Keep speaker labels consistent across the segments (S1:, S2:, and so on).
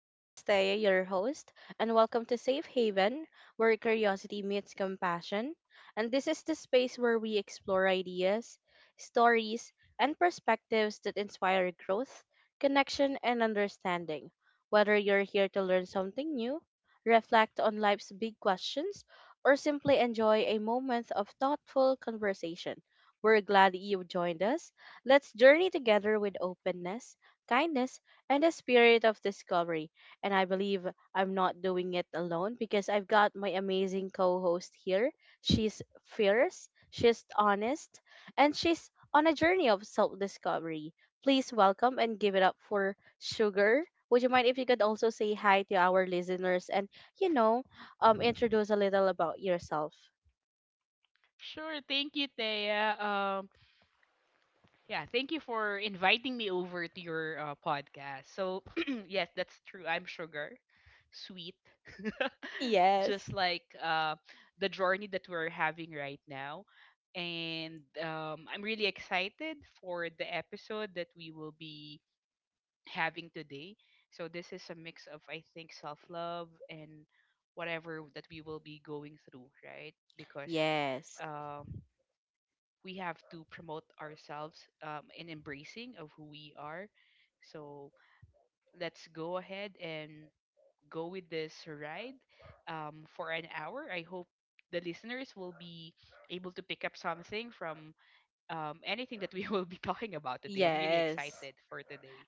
S1: This is Thea, your host, and welcome to Safe Haven, where curiosity meets compassion. And this is the space where we explore ideas, stories, and perspectives that inspire growth, connection, and understanding. Whether you're here to learn something new, reflect on life's big questions, or simply enjoy a moment of thoughtful conversation, we're glad you've joined us. Let's journey together with openness, kindness, and a spirit of discovery. And I believe I'm not doing it alone because I've got my amazing co host here. She's fierce, she's honest, and she's on a journey of self discovery. Please welcome and give it up for Sugar. Would you mind if you could also say hi to our listeners and, you know, introduce a little about yourself?
S2: Sure. Thank you, Thea. Yeah, thank you for inviting me over to your podcast. So, yes, that's true. I'm Sugar, sweet, just
S1: Yes.
S2: like the journey that we're having right now. And I'm really excited for the episode that we will be having today. So, this is a mix of, I think, self love and whatever that we will be going through, right? Because.
S1: Yes,
S2: Um we have to promote ourselves and embracing of who we are. So let's go ahead and go with this ride for an hour. I hope the listeners will be able to pick up something from anything that we will be talking about today. I'm really
S1: yes.
S2: excited for today.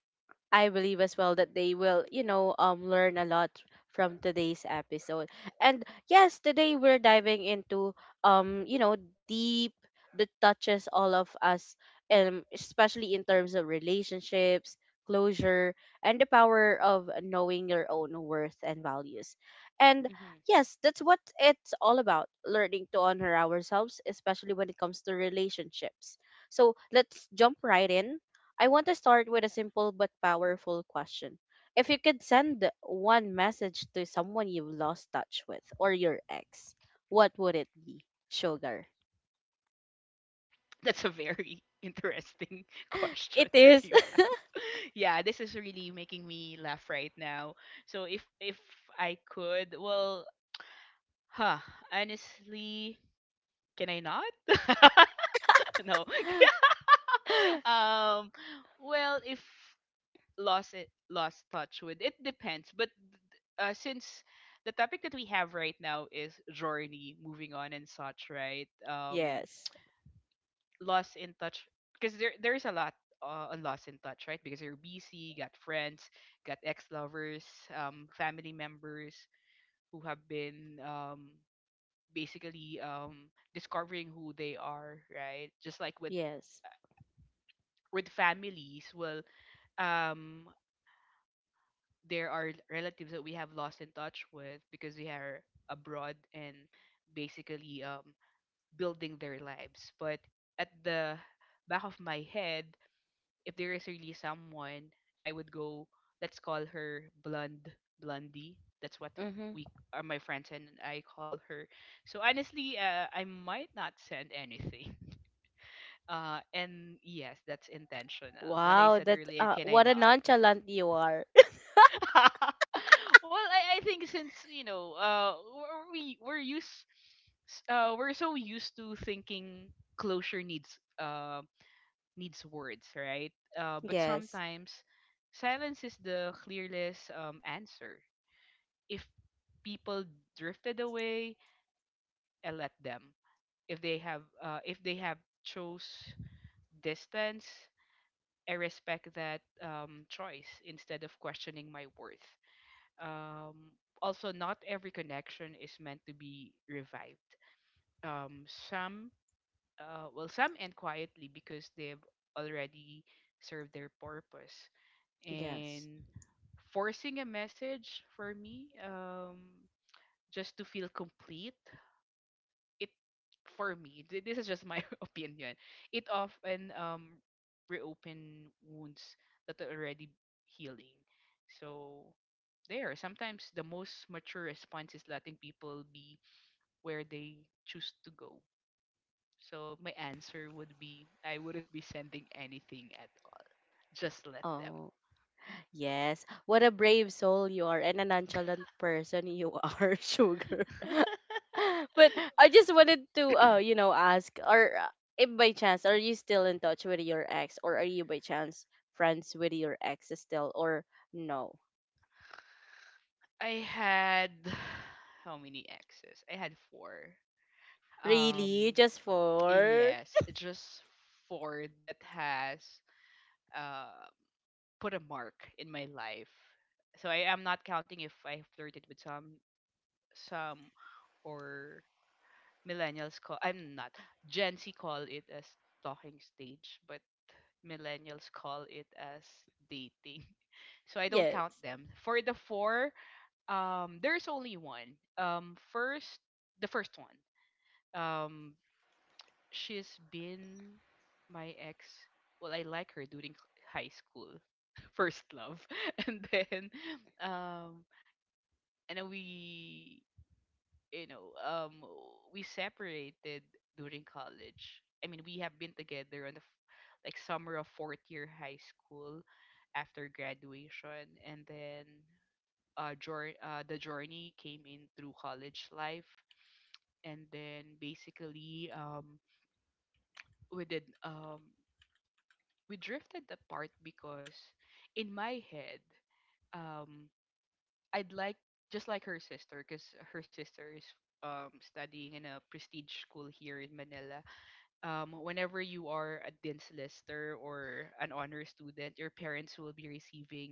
S1: I believe as well that they will, learn a lot from today's episode. And yes, today we're diving into, deep that touches all of us, especially in terms of relationships, closure, and the power of knowing your own worth and values. And
S2: hmm
S1: yes, that's what it's all about: learning to honor ourselves, especially when it comes to relationships. So let's jump right in. I want to start with a
S2: Yeah.
S1: simple but powerful question. If you could send one message to someone you've lost touch with or your ex, what would it be? Sugar.
S2: That's a very interesting question
S1: It
S2: that
S1: is.
S2: you have. Yeah, this is really making me laugh right now. So if I could, well, Huh, honestly, can I not? No. um, well, if lost it, lost touch with it depends. But since the topic that we have right now is journey, moving on and such, right?
S1: Yes.
S2: Lost in touch because there is a lot on lost in touch, right? Because you're busy, got friends, got ex lovers, family members who have been basically discovering who they are, right? Just like with
S1: Yes.
S2: families, well, um, there are relatives that we have lost in touch with because they are abroad and basically building their lives. But at the back of my head, if there is really someone, I would go, let's call her Blonde Blondie. That's what
S1: Mm-hmm.
S2: we are my friends and I call her. So honestly, I might not send anything. And yes, that's intentional. When I
S1: Wow,
S2: said
S1: that
S2: earlier, can I
S1: what a
S2: not?
S1: nonchalant you are.
S2: Well, I think since you know, we're used, we're so used to thinking closure needs needs words, right? But
S1: Yes.
S2: sometimes silence is the clearless answer. If people drifted away, I let them. If they have chose distance, I respect that choice instead of questioning my worth. Um, also, not every connection is meant to be revived. Um, some, well, some end quietly because they've already served their purpose.
S1: Yes.
S2: And forcing a message for me, just to feel complete it for me this is just my opinion. It often reopen wounds that are already healing. So there sometimes the most mature response is letting people be where they choose to go. So my answer would be I wouldn't be sending anything at all. Just let them.
S1: Oh, yes. What a brave soul you are and a nonchalant person you are, Sugar. But I just wanted to ask or, if by chance are you still in touch with your ex or are you by chance friends with your ex still or no?
S2: I had how many exes I had 4.
S1: Really?
S2: um
S1: Just for
S2: yes, just 4 that has uh, put a mark in my life. So I am not counting if I flirted with some or millennials call, I'm not, Gen Z call it as talking stage, but millennials call it as dating. So I don't count
S1: yes.
S2: them. For the 4, there's only one. First, the first one. She's been my ex. Well, I like her during high school, first love, and then um, and then we, you know, we separated during college. I mean, we have been together on the like summer of fourth year high school after graduation, and then the journey came in through college life, and then basically we did um we drifted apart because in my head um I'd like just like her sister because her sister is studying in a prestige school here in Manila. Whenever you are a dean's lister or an honor student your parents will be receiving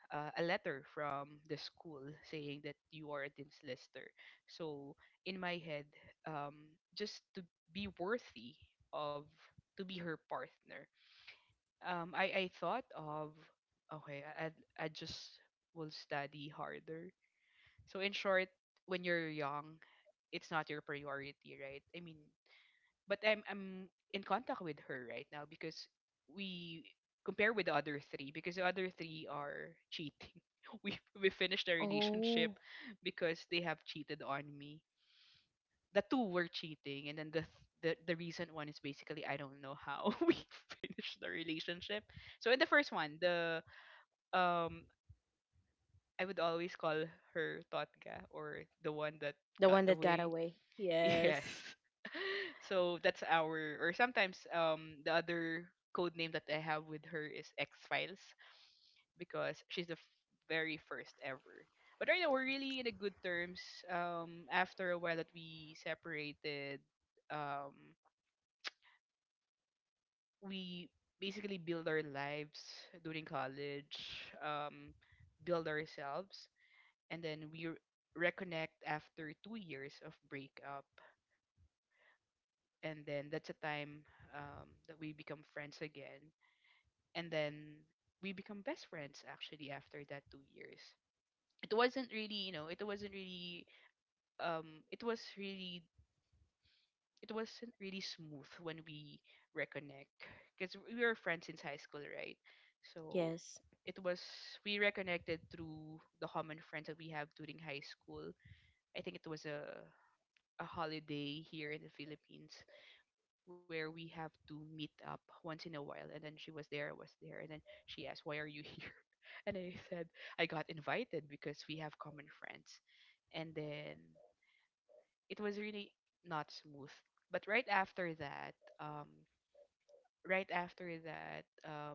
S2: a letter from the school saying that you are a dean's lister. So in my head, um just to be worthy of to be her partner, I thought of, okay, I just will study harder. So in short, when you're young, it's not your priority, right? I mean, but I'm in contact with her right now because we compare with the other three because the other three are cheating. We finished our relationship
S1: Oh,
S2: because they have cheated on me. The two were cheating, and then the the recent one is basically I don't know how we finished the relationship. So in the first one, the um I would always call her Totga or the one that
S1: the
S2: got
S1: one that got
S2: away.
S1: away.
S2: Yes.
S1: Yes.
S2: So that's our, or sometimes the other code name that I have with her is X Files because she's the very first ever. But right now we're really in a good terms. After a while that we separated, um, we basically build our lives during college, build ourselves, and then we reconnect after 2 years of breakup. And then that's a time that we become friends again. And then we become best friends actually after that 2 years. It wasn't really, you know, it wasn't really, um, it was really it wasn't really smooth when we reconnect because we were friends since high school, right? So
S1: Yes.
S2: it was we reconnected through the common friends that we have during high school. I think it was a holiday here in the Philippines where we have to meet up once in a while and then she was there, I was there, and then she asked, "Why are you here?" And I said, I got invited because we have common friends. And then it was really not smooth. But right after that, um, right after that, um,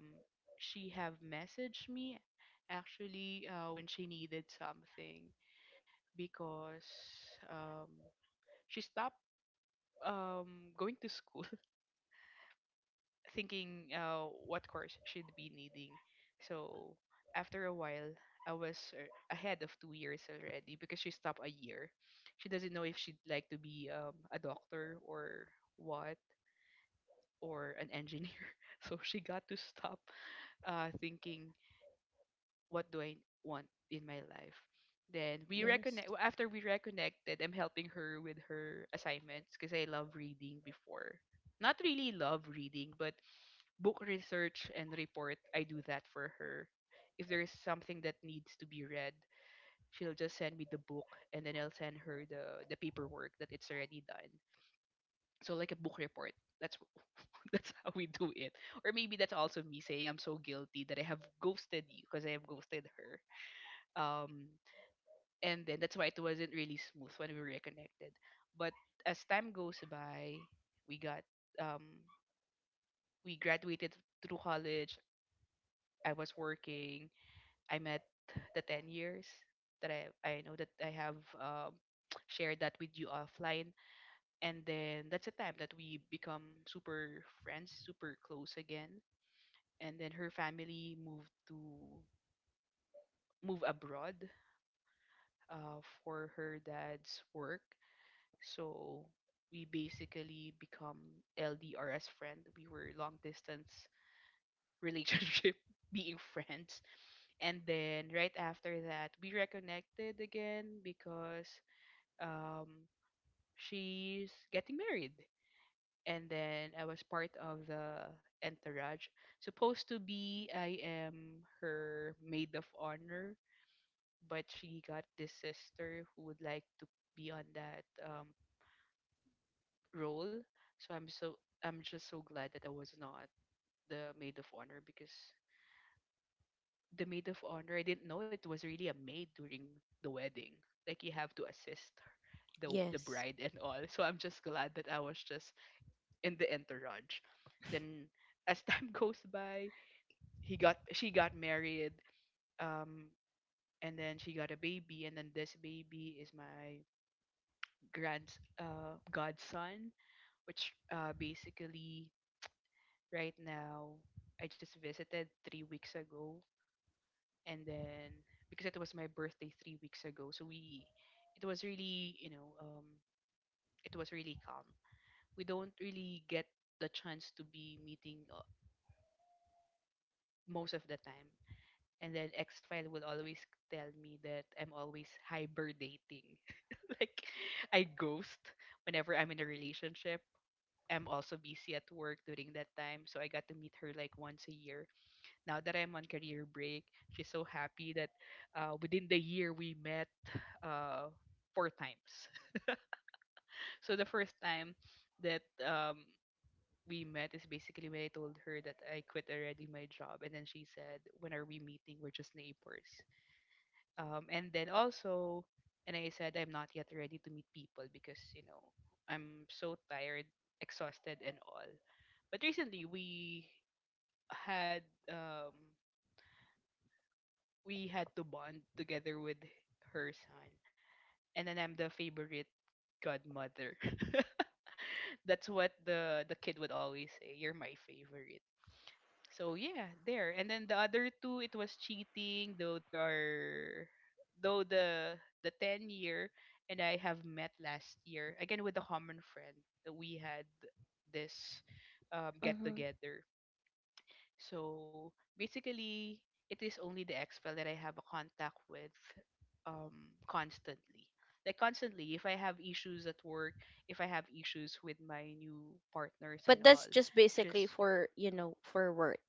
S2: she have messaged me actually when she needed something because um, she stopped going to school thinking what course she'd be needing. So after a while, I was ahead of 2 years already because she stopped a year. She doesn't know if she'd like to be a doctor or what or an engineer. So she got to stop thinking, what do I want in my life? Then we reconnect.
S1: Yes.
S2: Well, after we reconnected, I'm helping her with her assignments because I love reading before. Not really love reading, but book research and report. I do that for her. If there is something that needs to be read, she'll just send me the book, and then I'll send her the paperwork that it's already done. So like a book report. That's that's how we do it. Or maybe that's also me saying I'm so guilty that I have ghosted you because I have ghosted her. Um, and then that's why it wasn't really smooth when we reconnected. But as time goes by, we got um, we graduated through college. I was working. I met the 10 years that I know that I have shared that with you offline, and then that's a time that we become super friends, super close again. And then her family move abroad for her dad's work. So we basically become LDR as friend. We were long distance relationship, being friends. And then right after that, we reconnected again because um, she's getting married. And then I was part of the entourage. Supposed to be, I am her maid of honor but she got this sister who would like to be on that role. So I'm just so glad that I was not the maid of honor because the maid of honor I didn't know it was really a maid during the wedding. Like you have to assist the
S1: Yes.
S2: bride and all. So I'm just glad that I was just in the entourage. Then as time goes by, he got she got married. Um, and then she got a baby and then this baby is my grand godson, which basically right now I just visited 3 weeks ago, and then because it was my birthday 3 weeks ago, so we it was really you know it was really calm. We don't really get the chance to be meeting most of the time. And then X File will always tell me that I'm always hybernating. Like I ghost whenever I'm in a relationship. Am also busy at work during that time. So I got to meet her like once a year. Now that I'm on career break, she's so happy that within the year we met uh, 4 times. So the first time that we met is basically when I told her that I quit already my job. And then she said, "When are we meeting?" We're just neighbors. And then also and I said I'm not yet ready to meet people, because I'm so tired, exhausted and all. But recently had um, we had to bond together with her son, and then I'm the favorite godmother. That's what the kid would always say: you're my favorite. So yeah, there. And then the other two, it was cheating, though the 10 year, and I have met last year again with a common friend that we had this get
S1: Mm-hmm.
S2: together. So basically, it is only the exfil that I have a contact with, um, constantly. Like constantly, if I have issues at work, if I have issues with my new partners and
S1: But
S2: all,
S1: that's just
S2: she's
S1: basically for work.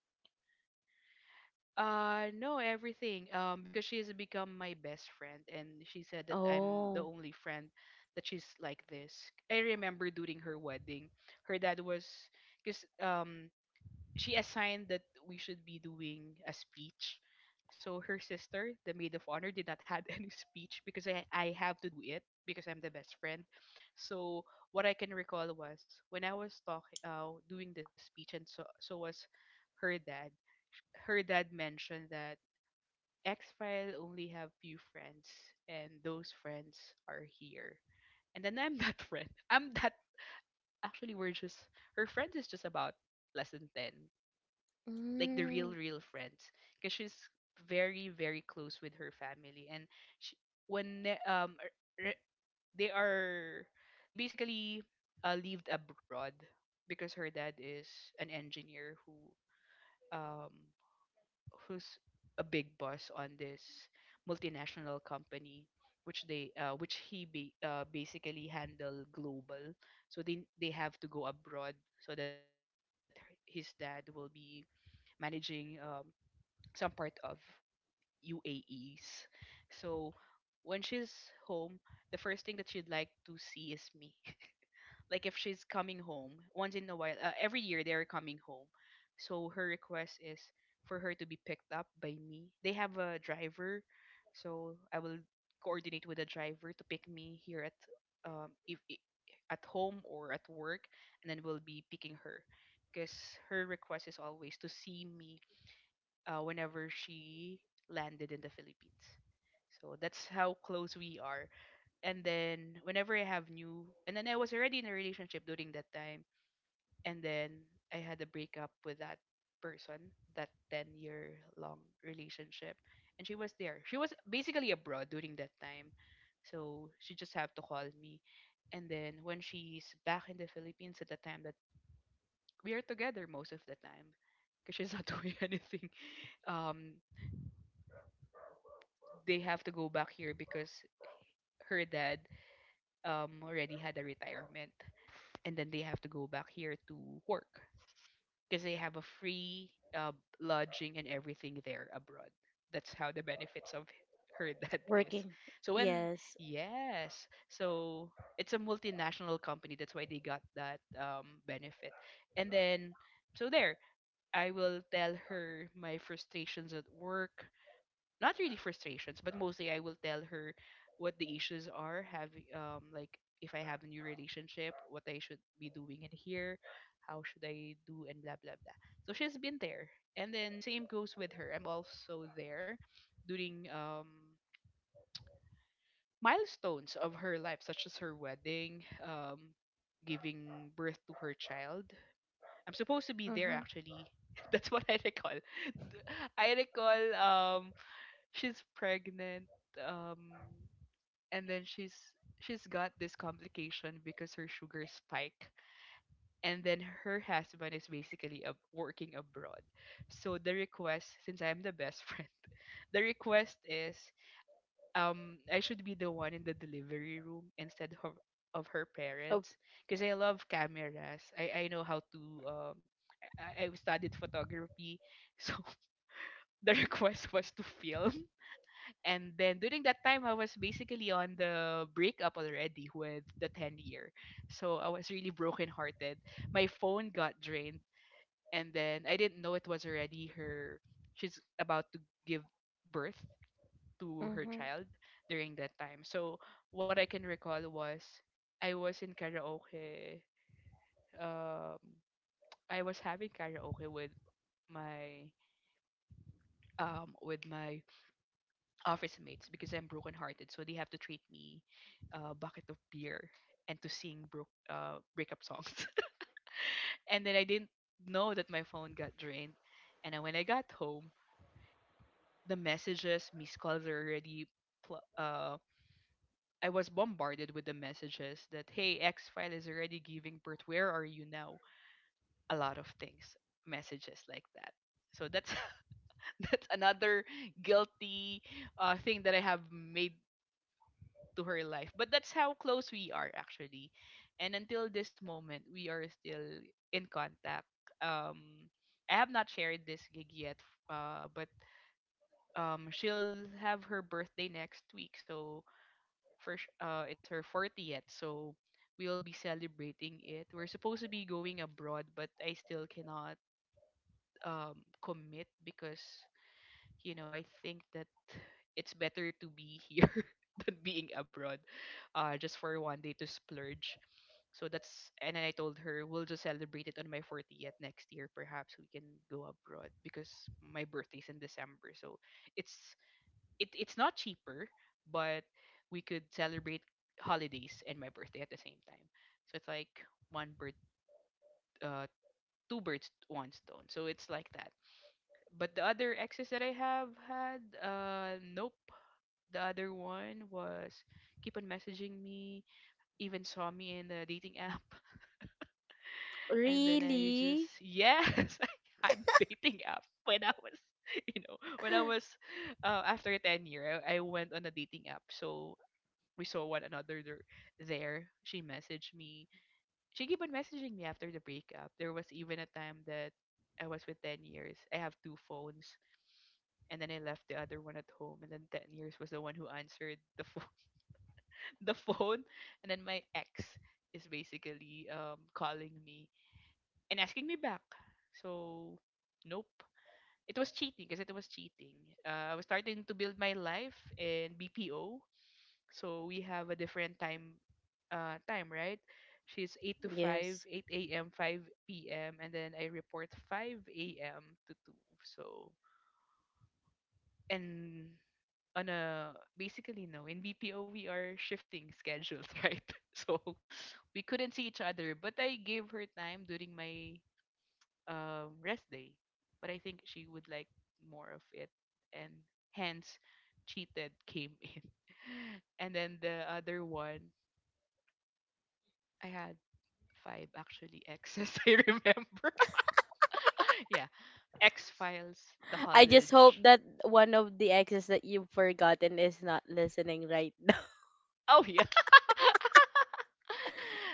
S2: No, everything. Because she has become my best friend, and she said that I'm the
S1: Oh.
S2: only friend that she's like this. I remember during her wedding, her dad was, because she assigned that we should be doing a speech. So her sister, the maid of honor, did not have any speech, because I have to do it because I'm the best friend. So what I can recall was when I was talking, doing the speech, and so was her dad. Her dad mentioned that X File only have few friends, and those friends are here. And then I'm that friend. I'm that Actually, we're just her friends is just about less than ten, like the real
S1: Mm.
S2: real friends, because she's very close with her family. And she, when they- re- they are they basically lived abroad because her dad is an engineer who um who's a big boss on this multinational company, which they which he ba- basically handle global. So they have to go abroad so that his dad will be managing some part of UAEs. So when she's home, the first thing that she'd like to see is me. Like if she's coming home once in a while, every year they're coming home. So her request is for her to be picked up by me. They have a driver, so I will coordinate with the driver to pick me here at if I- at home or at work, and then we'll be picking her, because her request is always to see me, whenever she landed in the Philippines. So that's how close we are. And then whenever I have new, and then I was already in a relationship during that time, and then I had a breakup with that person, that 10-year long relationship. And she was there. She was basically abroad during that time, so she just have to call me. And then when she's back in the Philippines, at the time that we are together most of the time, because she's not doing anything, um, they have to go back here because her dad already had a retirement, and then they have to go back here to work because they have a free uh, lodging and everything there abroad. That's how the benefits of her dad is.
S1: Working.
S2: So when
S1: Yes.
S2: Yes, so it's a multinational company, that's why they got that benefit. And then, so there, I will tell her my frustrations at work, not really frustrations, but mostly I will tell her what the issues are. Have Like if I have a new relationship, what I should be doing in here, how should I do, and blah blah blah. So she's been there, and then same goes with her. I'm also there during milestones of her life, such as her wedding, giving birth to her child. I'm supposed to be there
S1: Mm-hmm.
S2: actually. That's what I recall. I recall um she's pregnant um and then she's got this complication because her sugar spike. And then her husband is basically working abroad, so the request, since I'm the best friend, the request is I should be the one in the delivery room, instead of her
S1: Oh.
S2: parents, because I love cameras. I know how to I studied photography. So the request was to film. And then during that time, I was basically on the breakup already with the 10 year. So I was really brokenhearted. My phone got drained. And then I didn't know it was already her. She's about to give birth to her
S1: Mm-hmm.
S2: child during that time. So what I can recall was I was in karaoke. Um, I was having karaoke with my my office mates, because I'm brokenhearted, so they have to treat me a bucket of beer and to sing breakup songs. And then I didn't know that my phone got drained. And then when I got home, the messages, missed calls are already. Pl- uh, I was bombarded with the messages that, hey, X file is already giving birth. Where are you now? A lot of things, messages like that. So that's that's another guilty, thing that I have made to her life. But that's how close we are actually. And until this moment, we are still in contact. Um, I have not shared this gig yet, but she'll have her birthday next week. So first, it's her 40th. So we'll be celebrating it. We're supposed to be going abroad, but I still cannot um commit, because you know, I think that it's better to be here than being abroad, just for one day to splurge. So that's and then I told her we'll just celebrate it on my 40th next year. Perhaps we can go abroad because my birthday's in December, so it's it's not cheaper, but we could celebrate holidays and my birthday at the same time. So it's like one bird, uh, two birds, one stone. So it's like that. But the other exes that I have had, nope, the other one was keep on messaging me, even saw me in the dating app. And then I just,
S1: Really?
S2: yes, I had dating app when I was, you know, when I was, after 10 year, I went on a dating app. So we saw one another there. She messaged me. She keep on messaging me after the breakup. There was even a time that I was with 10 years. I have two phones, and then I left the other one at home. And then 10 years was the one who answered the phone the phone and then my ex is basically calling me and asking me back. So nope, it was cheating. I was starting to build my life in BPO, so we have a different time, right? She's 8 to 5
S1: Yes.
S2: 8 a.m., 5 p.m., and then I report 5 a.m. to 2. So, and, on a basically no, in BPO we are shifting schedules, right? So we couldn't see each other, but I gave her time during my rest day. But I think she would like more of it, and hence cheated came in. And then the other one, I had five actually exes. I remember. Yeah, X Files, the
S1: I just
S2: college.
S1: hope that one of the exes that you've forgotten is not listening right now.
S2: Oh yeah.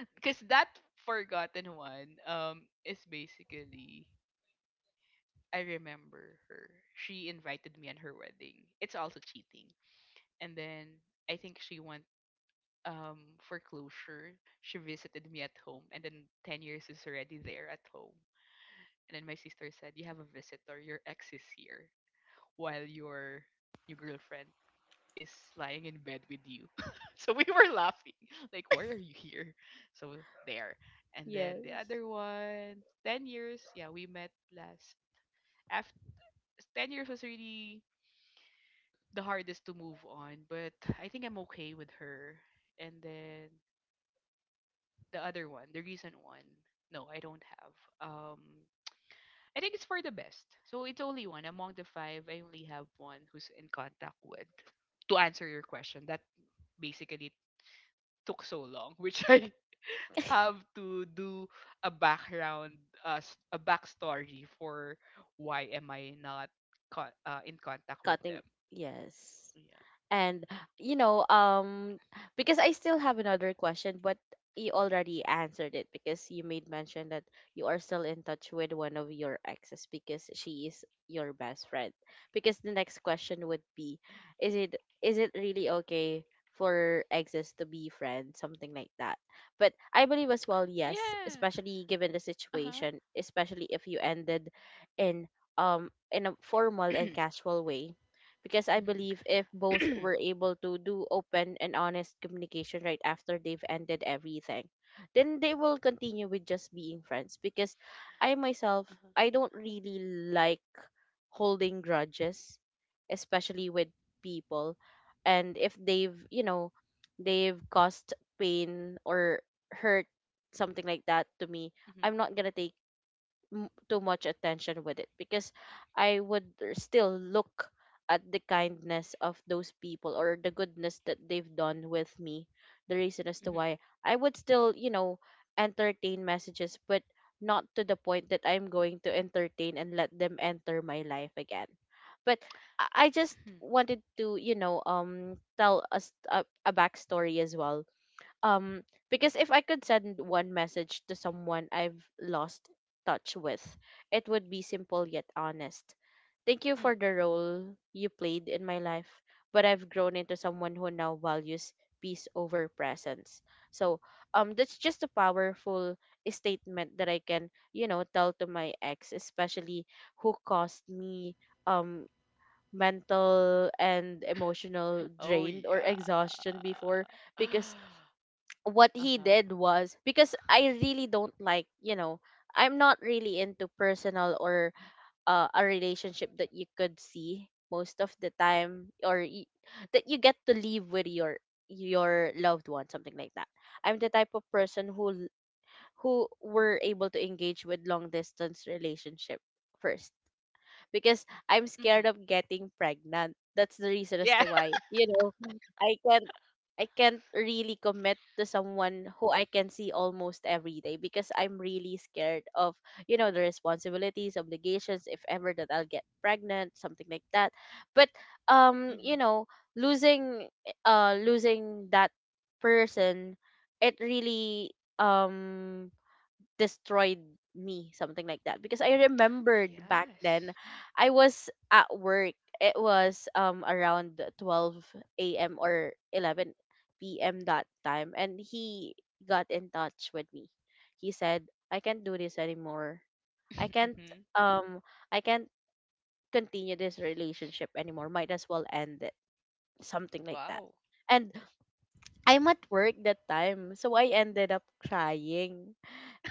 S2: Because that forgotten one is basically, I remember her. She invited me on her wedding. It's also cheating. And then I think she went for closure. She visited me at home, and then 10 years is already there at home. And then my sister said, "You have a visitor. Your ex is here while your girlfriend is lying in bed with you." So we were laughing. Like, why are you here? So there. And then the
S1: Yes.
S2: other one, 10 years. Yeah, we met last. After 10 years was really the hardest to move on, but I think I'm okay with her. And then the other one, the recent one, no, I don't have. Um, I think it's for the best. So it's only one among the five. I only have one who's in contact with. To answer your question, that basically took so long, which I have to do a background, a backstory for why am I not in contact with
S1: Cutting.
S2: them.
S1: Yes.
S2: Yeah.
S1: And, you know, um, because I still have another question, but you already answered it because you made mention that you are still in touch with one of your exes because she is your best friend. Because the next question would be, is it is it really okay for exes to be friends, something like that? But I believe as well, yes,
S2: Yeah.
S1: especially given the
S2: Uh huh.
S1: situation, especially if you ended in in a formal and casual way, because I
S2: Mhm.
S1: believe if both were able to do open and honest communication right after they've ended everything, then they will continue with just being friends. Because I myself,
S2: Uh-huh.
S1: I don't really like holding grudges, especially with people. And if they've caused pain or hurt, something like that, to me,
S2: Mhm.
S1: I'm not gonna take too much attention with it, because I would still, look at the kindness of those people or the goodness that they've done with me. The reason as to
S2: Mhm.
S1: why I would still entertain messages, but not to the point that I'm going to entertain and let them enter my life again. But I just
S2: Mhm.
S1: wanted to, tell us a backstory as well. Um because if I could send one message to someone I've lost touch with, it would be simple yet honest: thank you
S2: Mm.
S1: for the role you played in my life, but I've grown into someone who now values peace over presence. So that's just a powerful statement that I can, tell to my ex, especially who caused me um mental and emotional
S2: Oh
S1: drain or exhaustion before.
S2: yeah.
S1: Because what he
S2: Uh-huh.
S1: did was, because I really don't like, I'm not really into personal or a relationship that you could see most of the time, that you get to live with your loved one, something like that. I'm the type of person who were able to engage with long distance relationship first, because I'm scared
S2: Mm-hmm.
S1: of getting pregnant. That's the reason as
S2: Yeah.
S1: to why, I can't I can't really commit to someone who I can see almost every day, because I'm really scared of, the responsibilities, obligations, if ever that I'll get pregnant, something like that. But
S2: Mm-hmm.
S1: um, you know, losing losing that person, it really destroyed me, something like that, because I remembered back
S2: Yes.
S1: then, I was at work. It was around 12 a.m or 11 p.m that time, and he got in touch with me. He said, I can't do this anymore. i can't
S2: Mm-hmm.
S1: um I can't continue this relationship anymore. Might as well end it, something like that.
S2: Wow.
S1: And I'm at work that time, so I ended up crying.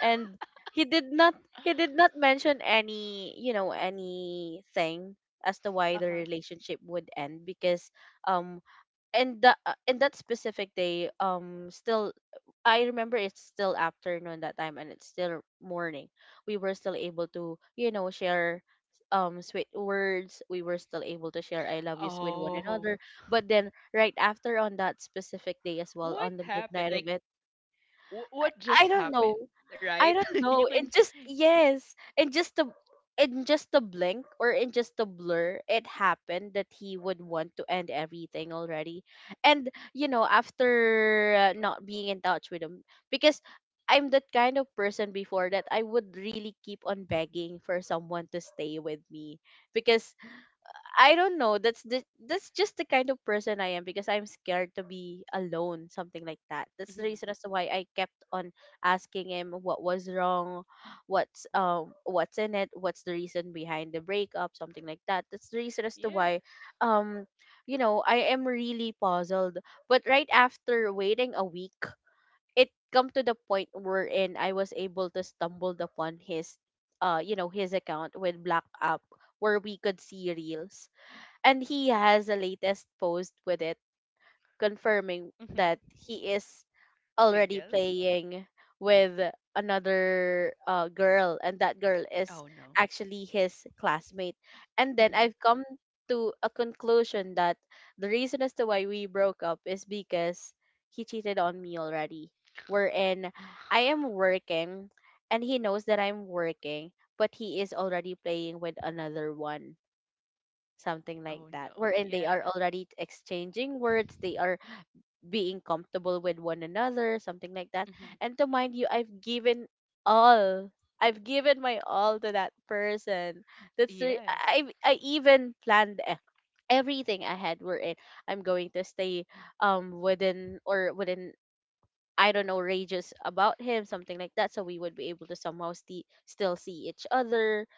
S1: And he did not he did not mention anything as to why the
S2: Uh-huh.
S1: relationship would end. Because um in the in that specific day, still I remember, it's still afternoon that time, and it's still morning. We were still able to share sweet words. We were still able to share I love yous with one
S2: Oh.
S1: another. But then right after, on that specific day as well, on
S2: What
S1: the midnight
S2: happened?
S1: of
S2: Like
S1: it, I,
S2: what
S1: I
S2: just
S1: don't know.
S2: happened,
S1: I
S2: right?
S1: don't know.
S2: You
S1: It
S2: can.
S1: just, yes, in just a in just a blink or in just a blur, it happened that he would want to end everything already. And, after not being in touch with him, because I'm that kind of person before, that I would really keep on begging for someone to stay with me, because I don't know. That's just the kind of person I am, because I'm scared to be alone, something like that. That's the
S2: Hmm.
S1: reason as to why I kept on asking him what was wrong, what's in it, what's the reason behind the breakup, something like that. That's the reason as to why,
S2: Yes.
S1: um I am really puzzled. But right after waiting a week, it come to the point wherein I was able to stumbled upon his, his account with Black App, where we could see reels, and he has a latest post with it confirming that
S2: Hmm.
S1: he is already
S2: Single?
S1: playing with another, girl, and that girl is
S2: Oh no.
S1: actually his classmate. And then I've
S2: Hmm.
S1: come to a conclusion that the reason as to why we broke up is because he cheated on me already, wherein I am working, and he knows that I'm working, but he is already playing with another one, something like
S2: Oh
S1: that,
S2: no.
S1: wherein they are
S2: Yeah.
S1: already exchanging words, they are being comfortable with one another, something like that.
S2: Hmm.
S1: And to mind you, all I've given my all to that person. that's the i
S2: Yes.
S1: i I even planned everything ahead, wherein I'm going to stay within or within, I don't know, rages about him, something like that. So we would be able to somehow still see each other.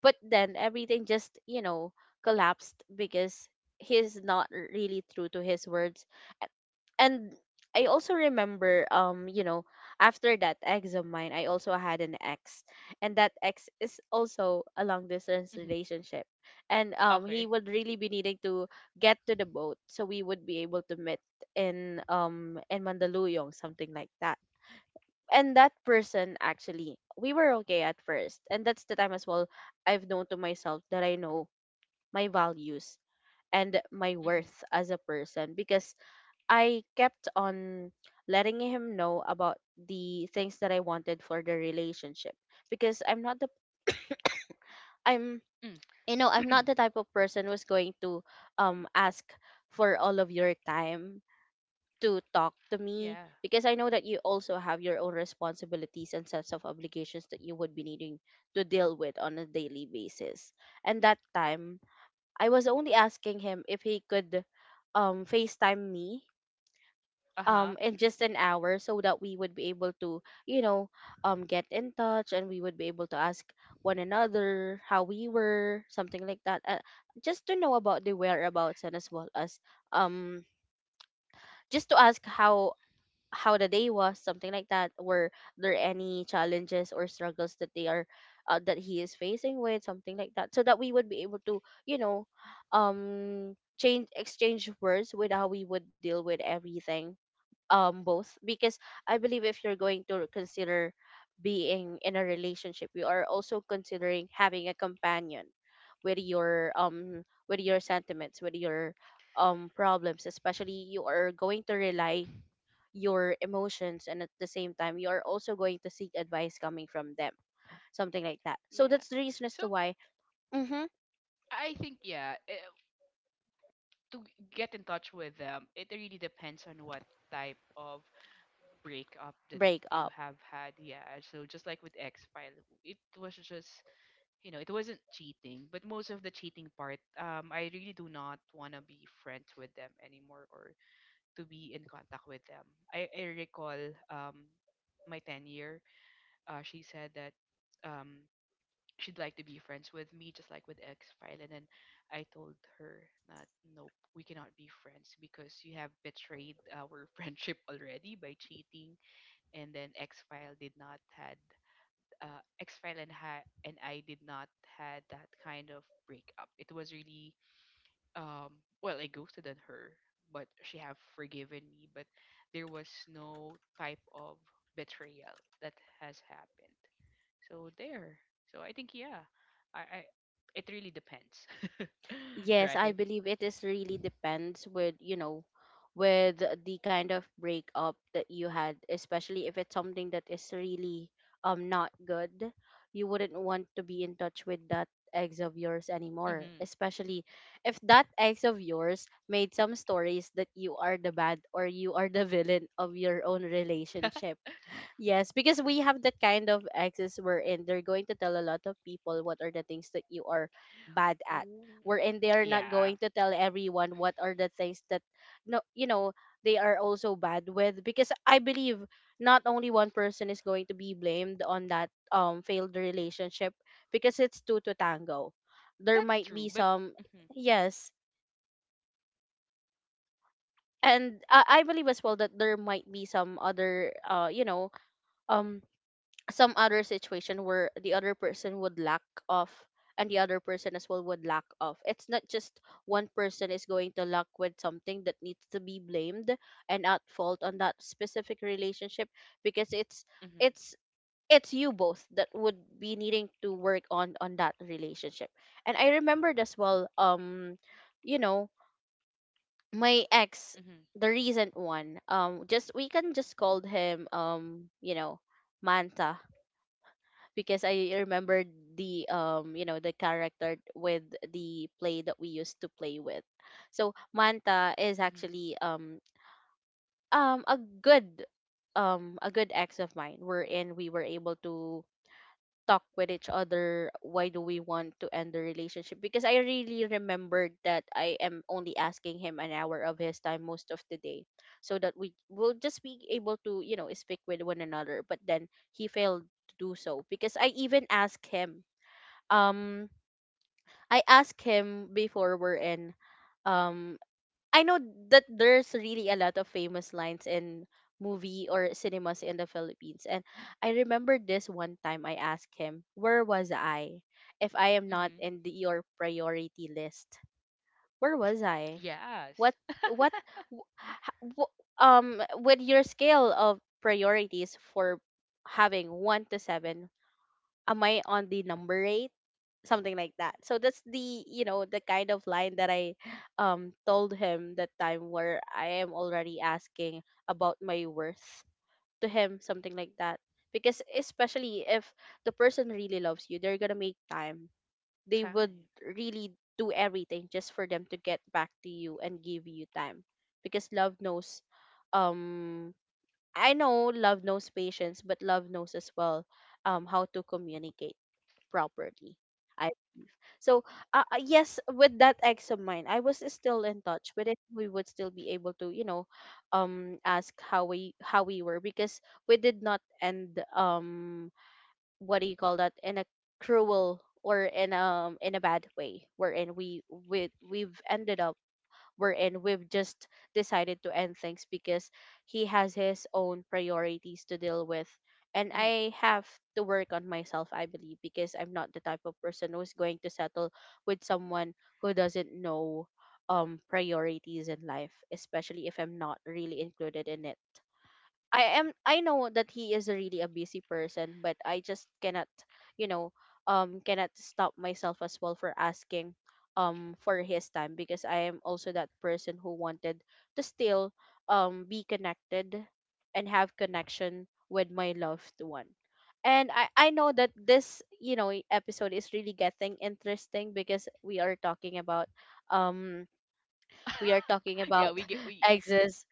S1: But then everything just, collapsed, because he's not really true to his words. A- and I also remember, after that ex of mine, I also had an ex, and that ex is also a long distance
S2: Hmm.
S1: relationship. And he
S2: Okay.
S1: would really be needing to get to the boat, so we would be able to meet in, in Mandaluyong, something like that. And that person, actually, we were okay at first, and that's the time as well I've known to myself that I know my values and my worth
S2: Hmm.
S1: as a person, because I kept on letting him know about the things that I wanted for the relationship, because I'm not the I'm
S2: Mm.
S1: you know I'm not the type of person who's going to ask for all of your time to talk to me,
S2: Yeah.
S1: because I know that you also have your own responsibilities and sets of obligations that you would be needing to deal with on a daily basis. And that time, I was only asking him if he could FaceTime me
S2: Uh huh.
S1: in just an hour, so that we would be able to, you know, get in touch, and we would be able to ask one another how we were, something like that. Just to know about the whereabouts, and as well as um just to ask how the day was, something like that. Were there any challenges or struggles that they are that he is facing with, something like that, so that we would be able to, change exchange words with how we would deal with everything. Both because I believe if you're going to consider being in a relationship, you are also considering having a companion with your with your sentiments, with your problems, especially you are going to rely your emotions, and at the same time you are also going to seek advice coming from them, something like that. So that's
S2: Yeah.
S1: the reason as to
S2: So
S1: why. Mm-hmm,
S2: I think to get in touch with them, it really depends on what type of breakup that
S1: break up.
S2: you have had. Yeah. So just like with X File, it was just you know, it wasn't cheating, but most of the cheating part, I really do not want to be friends with them anymore, or to be in contact with them. I recall um, my 10 year, she said that um, she'd like to be friends with me, just like with X File. And then I told her that, nope, we cannot be friends because you have betrayed our friendship already by cheating. And then X File did not had X-File and I did not had that kind of breakup. It was really, um, well, I ghosted on her, but she have forgiven me, but there was no type of betrayal that has happened. So there. So I think, yeah, I it really depends,
S1: Yes, I
S2: right?
S1: believe it is really depends with, you know, with the kind of breakup that you had, especially if it's something that is really not good. You wouldn't want to be in touch with that ex of yours anymore,
S2: Mm-hmm.
S1: especially if that ex of yours made some stories that you are the bad or you are the villain of your own relationship. Yes, because we have that kind of exes wherein they're going to tell a lot of people what are the things that you are bad at.
S2: Ooh.
S1: Wherein they are not going
S2: Yeah,
S1: to tell everyone what are the things that, no, you know, they are also bad with, because I believe not only one person is going to be blamed on that failed relationship, because it's two to tango. There
S2: that's
S1: might be
S2: true, but
S1: some,
S2: mm-hmm,
S1: yes. And I believe as well that there might be some other, um. some other situation where the other person would lack of, and the other person as well would lack of. It's not just one person is going to lack with something that needs to be blamed and at fault on that specific relationship, because
S2: mm-hmm,
S1: it's it's you both that would be needing to work on that relationship. And I remembered as well, you know my ex,
S2: mm-hmm,
S1: the recent one, just, we can just call him, Manta, because I remember the you know the character with the play that we used to play with. So Manta is
S2: mm-hmm,
S1: actually, a good, ex of mine, wherein we were able to talk with each other why do we want to end the relationship, because I really remembered that I am only asking him an hour of his time most of the day, so that we will just be able to, you know, speak with one another, but then he failed to do so. Because I even asked him, um I asked him before, we're in, um I know that there's really a lot of famous lines in movie or cinemas in the Philippines, and I remember this one time I asked him, where was I if I am not
S2: mm-hmm.
S1: in the, your priority list, where was I,
S2: Yes,
S1: what what wh- ha- wh- with your scale of priorities, for having 1 to 7, am I on the number 8, something like that. So that's the, you know, the kind of line that I told him that time, where I am already asking about my worth to him, something like that. Because especially if the person really loves you, they're gonna make time. They would really do everything just for them to get back to you and give you time. Because love knows, um I know love knows patience, but love knows as well how to communicate properly. So, yes, with that ex of mine, I was still in touch with it. We would still be able to, you know, ask how we were, because we did not end, what do you call that, in a cruel or in a bad way, wherein we we've ended up we're in, we've just decided to end things, because he has
S2: time.
S1: his own priorities to deal with. And I have to work on myself, I believe, because I'm not the type of person who's going to settle with someone who doesn't know priorities in life, especially if I'm not really included in it. I know that he is a really a busy person, but I just cannot, you know, cannot stop myself as well for asking for his time, because I am also that person who wanted to still be connected and have connection with my loved one. And I know that this, episode is really getting interesting because we are talking about, um we are
S2: Yeah,
S1: talking
S2: we get
S1: about
S2: we
S1: exes.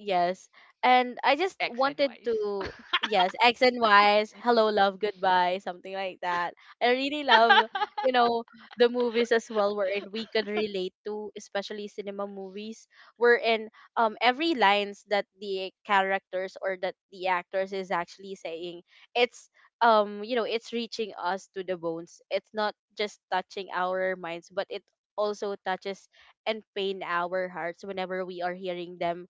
S1: Yes. And I
S2: X
S1: just
S2: and
S1: wanted
S2: Y's.
S1: to— Yes, X and Y's,
S2: Mhm.
S1: hello, love, goodbye, something like that. I really love, you know, the movies as well, wherein we could relate to, especially cinema movies, wherein every lines that the characters or that the actors is actually saying, it's, it's reaching us to the bones. It's not just touching our minds, but it also touches and pain our hearts whenever we are hearing them.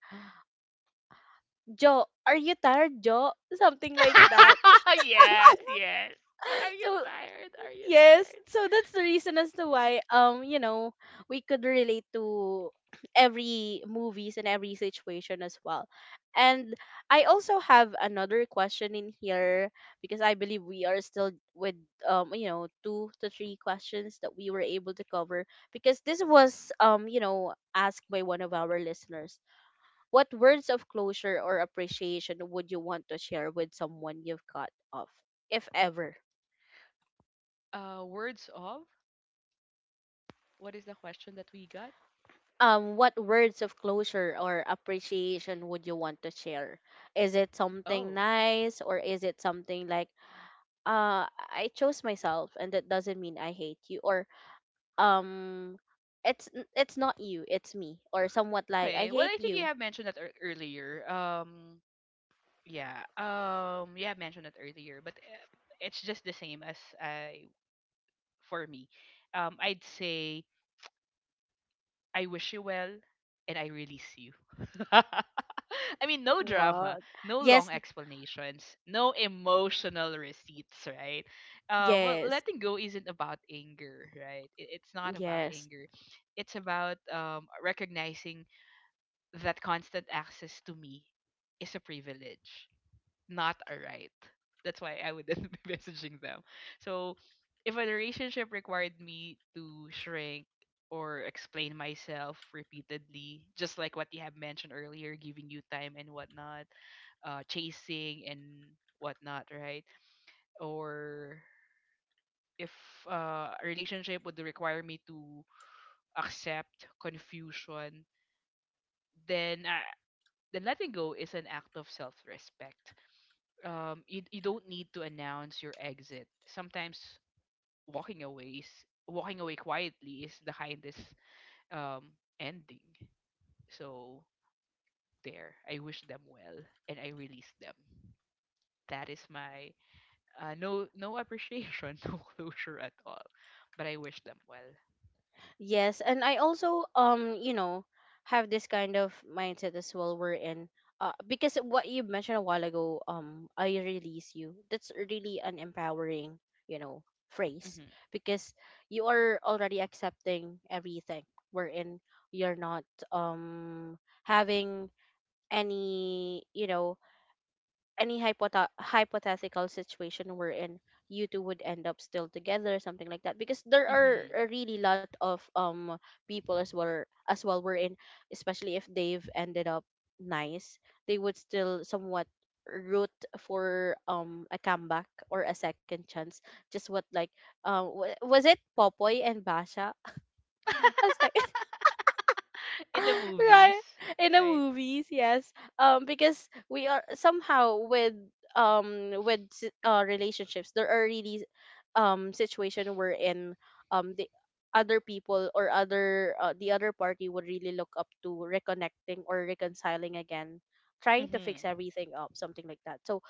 S1: Joe, are you tired, Joe? Something like that.
S2: Yes, yes. Are you
S1: So
S2: tired? Are you
S1: yes,
S2: tired?
S1: so that's the reason as to why, we could relate to every movies and every situation as well. And I also have another question in here, because I believe we are still with, two to three questions that we were able to cover, because this was, asked by one of our listeners. What words of closure or appreciation would you want to share with someone you've cut off, if ever?
S2: Words of What is the question that we got?
S1: What words of closure or appreciation would you want to share? Is it something
S2: Oh,
S1: nice, or is it something like, I chose myself, and that doesn't mean I hate you, or um, it's
S2: okay. Well,
S1: it's
S2: I
S1: not
S2: think you
S1: you,
S2: have
S1: it's
S2: mentioned that
S1: me, or somewhat like
S2: earlier.
S1: I hate you.
S2: Yeah. You have mentioned that earlier, but it's just the same as I for me. I'd say I wish you well, and I release you. I mean, no drama, no long
S1: What? Yes,
S2: explanations, no emotional receipts, right? Well, letting go isn't
S1: yes,
S2: about anger, right? It's not about anger.
S1: yes.
S2: It's about recognizing that constant access to me is a privilege, not a right. That's why I wouldn't be messaging them. So if a relationship required me to shrink or explain myself repeatedly, just like what you have mentioned earlier, giving you time and whatnot, chasing and whatnot, right? Or if a relationship would require me to accept confusion, then uh, then letting go is an act of self-respect. You don't need to announce your exit. Sometimes walking away is walking away quietly is the kindest um ending. So there, I wish them well and I release them. That is my no appreciation, no closure at all, but I wish them well.
S1: Yes, and I also have this kind of mindset as well. We're in, because what you mentioned a while ago, I release you, that's really an empowering, you know phrase,
S2: Mhm.
S1: because you are already accepting everything. We're in, you're not, um having any, any hypothetical situation we're in, you two would end up still together, something like that. Because there are a
S2: Mhm.
S1: really lot of people as well we're in, especially if they've ended up nice, they would still somewhat root for a comeback or a second chance. Just what like, was it Popoy and Basha? As
S2: In the
S1: right,
S2: movies,
S1: in the
S2: right?
S1: movies, yes. Because we are somehow with, with relationships, there are really situation we're in, the other people, or other the other party would really look up to reconnecting or reconciling again, trying to fix
S2: Mhm.
S1: everything up, something like that. So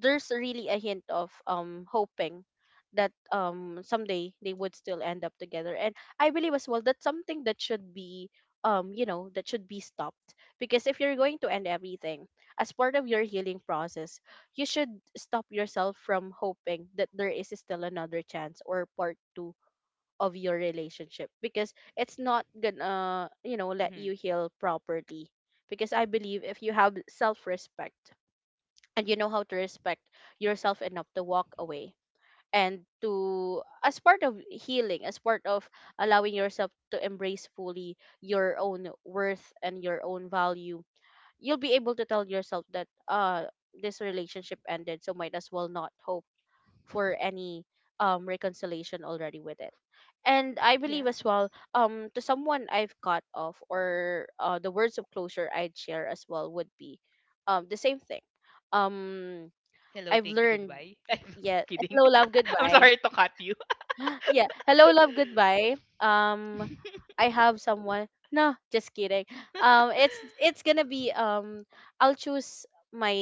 S1: there's really a hint of hoping that someday they would still end up together. And I believe as well that's something that should be, that should be stopped, because if you're going to end everything as part of your healing process, you should stop yourself from hoping that there is still another chance or part two of your relationship,
S2: Mhm.
S1: because it's not gonna, you know, let you heal properly. Because I believe if you have self-respect and you know how to respect yourself enough to walk away, and to, as part of healing, as part of allowing yourself to embrace fully your own worth and your own value, you'll be able to tell yourself that, uh, this relationship ended, so might as well not hope for any reconciliation already with it. And I
S2: Yeah.
S1: believe as well, to someone I've cut off, or the words of closure I'd share as well would be the same thing. um
S2: Hello,
S1: I've
S2: thank you,
S1: learned,
S2: goodbye. I'm
S1: yeah,
S2: kidding.
S1: hello, love,
S2: I'm
S1: goodbye.
S2: sorry to cut you.
S1: Yeah. Hello, love, goodbye. Um, I have someone. No, just kidding. It's gonna be, I'll choose my,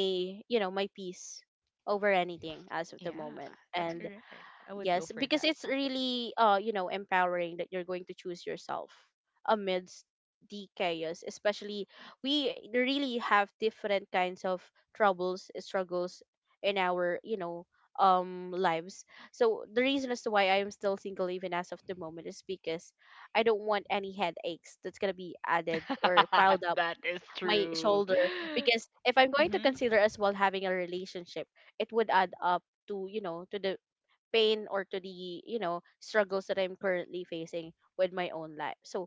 S1: my peace over anything as of the
S2: Yeah,
S1: moment.
S2: that's
S1: And
S2: correct. I would
S1: yes,
S2: go for
S1: because
S2: that.
S1: it's really, empowering that you're going to choose yourself amidst the chaos. Especially we really have different kinds of troubles, struggles, in our, lives. So the reason as to why I am still single even as of the moment is because I don't want any headaches that's gonna be added or piled up
S2: That is
S1: my
S2: true.
S1: shoulder. Because if I'm going to
S2: Mm-hmm.
S1: consider as well having a relationship, it would add up to you know to the pain or to the struggles that I'm currently facing with my own life. So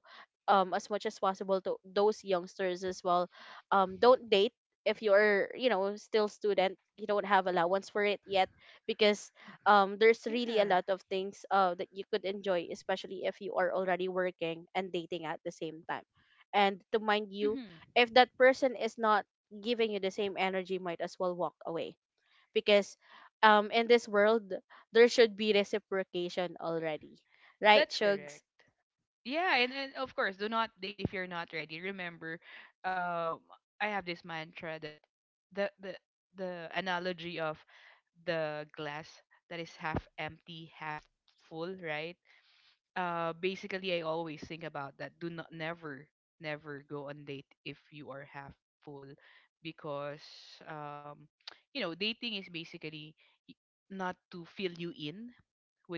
S1: as much as possible, to those youngsters as well, don't date if you're, you know, still student, you don't have allowance for it yet, because there's really a lot
S2: Yeah.
S1: of things that you could enjoy, especially if you are already working and dating at the same time. And to mind you,
S2: Mm-hmm.
S1: if that person is not giving you the same energy, might as well walk away, because in this world there should be reciprocation already, right,
S2: That's
S1: Shugs?
S2: correct. Yeah, and of course, do not date if you're not ready. Remember, um, I have this mantra that the the the analogy of the glass that is half empty, half full, right? Basically I always think about that. Do not never go on date if you are half full, because um dating is basically y- not to fill you in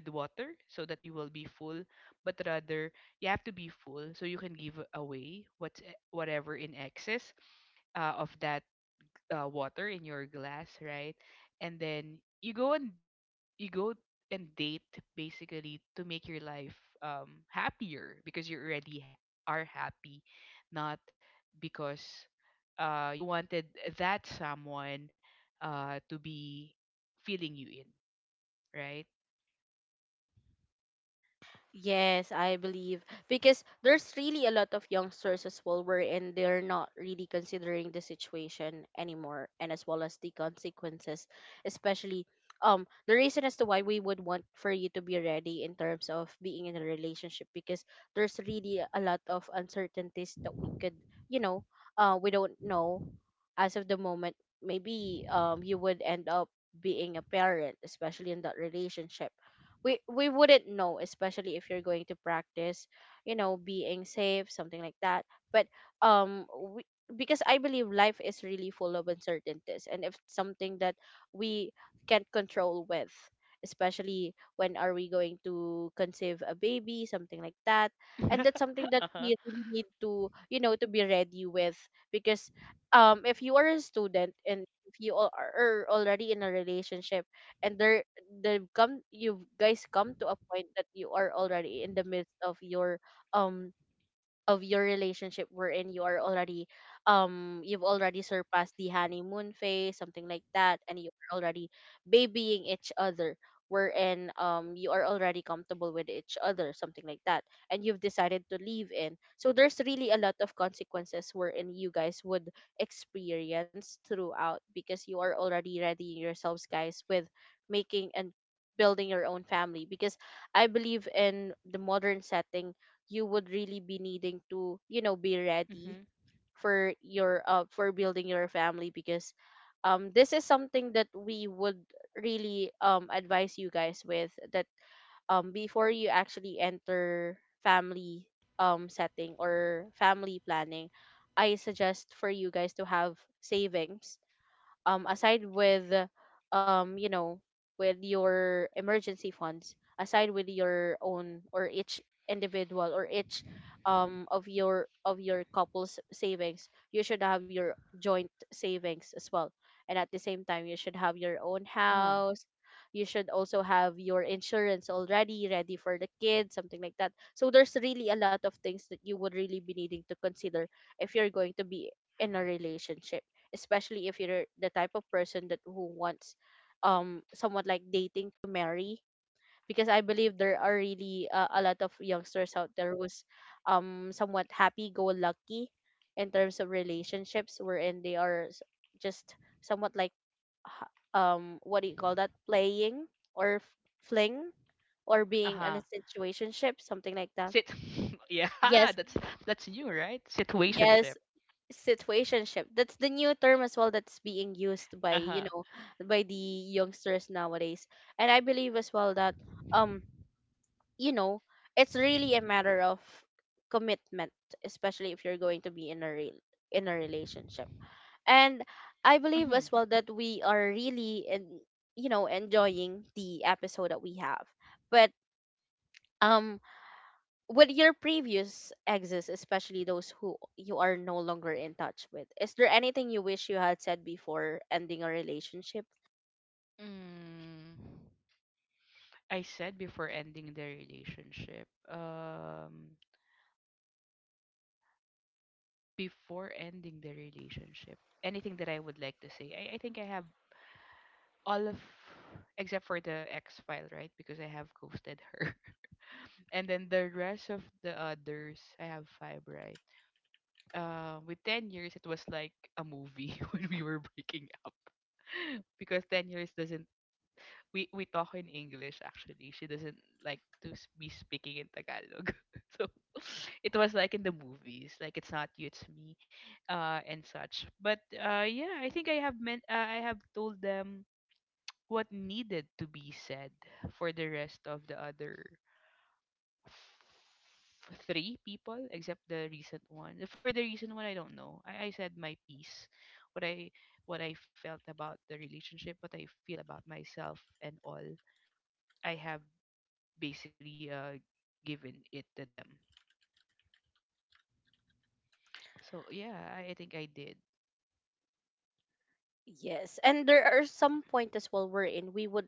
S2: with water so that you will be full, but rather you have to be full so you can give away whatever in excess of that water in your glass, right? And then you go on you go and date basically to make your life happier because you already are happy, not because you wanted that someone to be feeling you in, right?
S1: Yes, I believe, because there's really a lot of youngsters as well wherein they're not really considering the situation anymore, and as well as the consequences, especially the reason as to why we would want for you to be ready in terms of being in a relationship, because there's really a lot of uncertainties that we could, you know we don't know as of the moment. Maybe you would end up being a parent especially in that relationship. We wouldn't know, especially if you're going to practice, you know, being safe, something like that. But um we, because I believe life is really full of uncertainties, and if it's something that we can't control with, especially when are we going to conceive a baby, something like that. And that's something that we
S2: Uh-huh.
S1: really need to, you know, to be ready with, because if you are a student and if you are already in a relationship, and there they come you guys come to a point that you are already in the midst um of your relationship, wherein you are already you've already surpassed the honeymoon phase, something like that, and you're already babying each other, wherein you are already comfortable with each other, something like that, and you've decided to leave in. So there's really a lot of consequences wherein you guys would experience throughout, because you are already readying yourselves, guys, with making and building your own family. Because I believe in the modern setting, you would really be needing to, you know, be ready
S2: Mm-hmm.
S1: for your for building your family. Because this is something that we would really advise you guys with, that before you actually enter family setting or family planning, I suggest for you guys to have savings, aside with, um you know with your emergency funds, aside with your own, or each individual, or each of your couple's savings, you should have your joint savings as well. And at the same time, you should have your own
S2: Uh-huh.
S1: house. You should also have your insurance already ready for the kids, something like that. So there's really a lot of things that you would really be needing to consider if you're going to be in a relationship, especially if you're the type of person that who wants somewhat like dating to marry. Because I believe there are really a lot of youngsters out there who's somewhat happy go lucky in terms of relationships, wherein they are just somewhat like what do you call that, playing, or fling, or being in a
S2: Uh-huh.
S1: situationship, something like that.
S2: sit Yeah,
S1: Yes.
S2: that's that's new, right?
S1: Yes,
S2: Situationship.
S1: situationship. That's the new term as well that's being used by, you
S2: Uh-huh.
S1: know, by the youngsters nowadays. And I believe as well that um, you know, it's really a matter of commitment, especially if you're going to be in a relationship. And I believe as
S2: Mm-hmm.
S1: well that we are really in, you know, enjoying the episode that we have. But um with your previous exes, especially those who you are no longer in touch with, is there anything you wish you had said before ending a relationship?
S2: mm I said before ending the relationship. Before ending the relationship, anything that I would like to say, I think I have all of, except for the X file, right? Because I have ghosted her. And then the rest of the others, I have five, right? With 10 years, it was like a movie when we were breaking up, because 10 years doesn't, we talk in English actually. She doesn't like to be speaking in Tagalog. So it was like in the movies, like it's not you, it's me, and such. But yeah, I think I have told them what needed to be said for the rest of the other f- three people, except the recent one. For the recent one, I don't know. I said my piece, what i what I felt about the relationship, what I feel about myself and all. I have basically given it to them. So yeah, I think I did.
S1: Yes. And there are some point as well wherein we would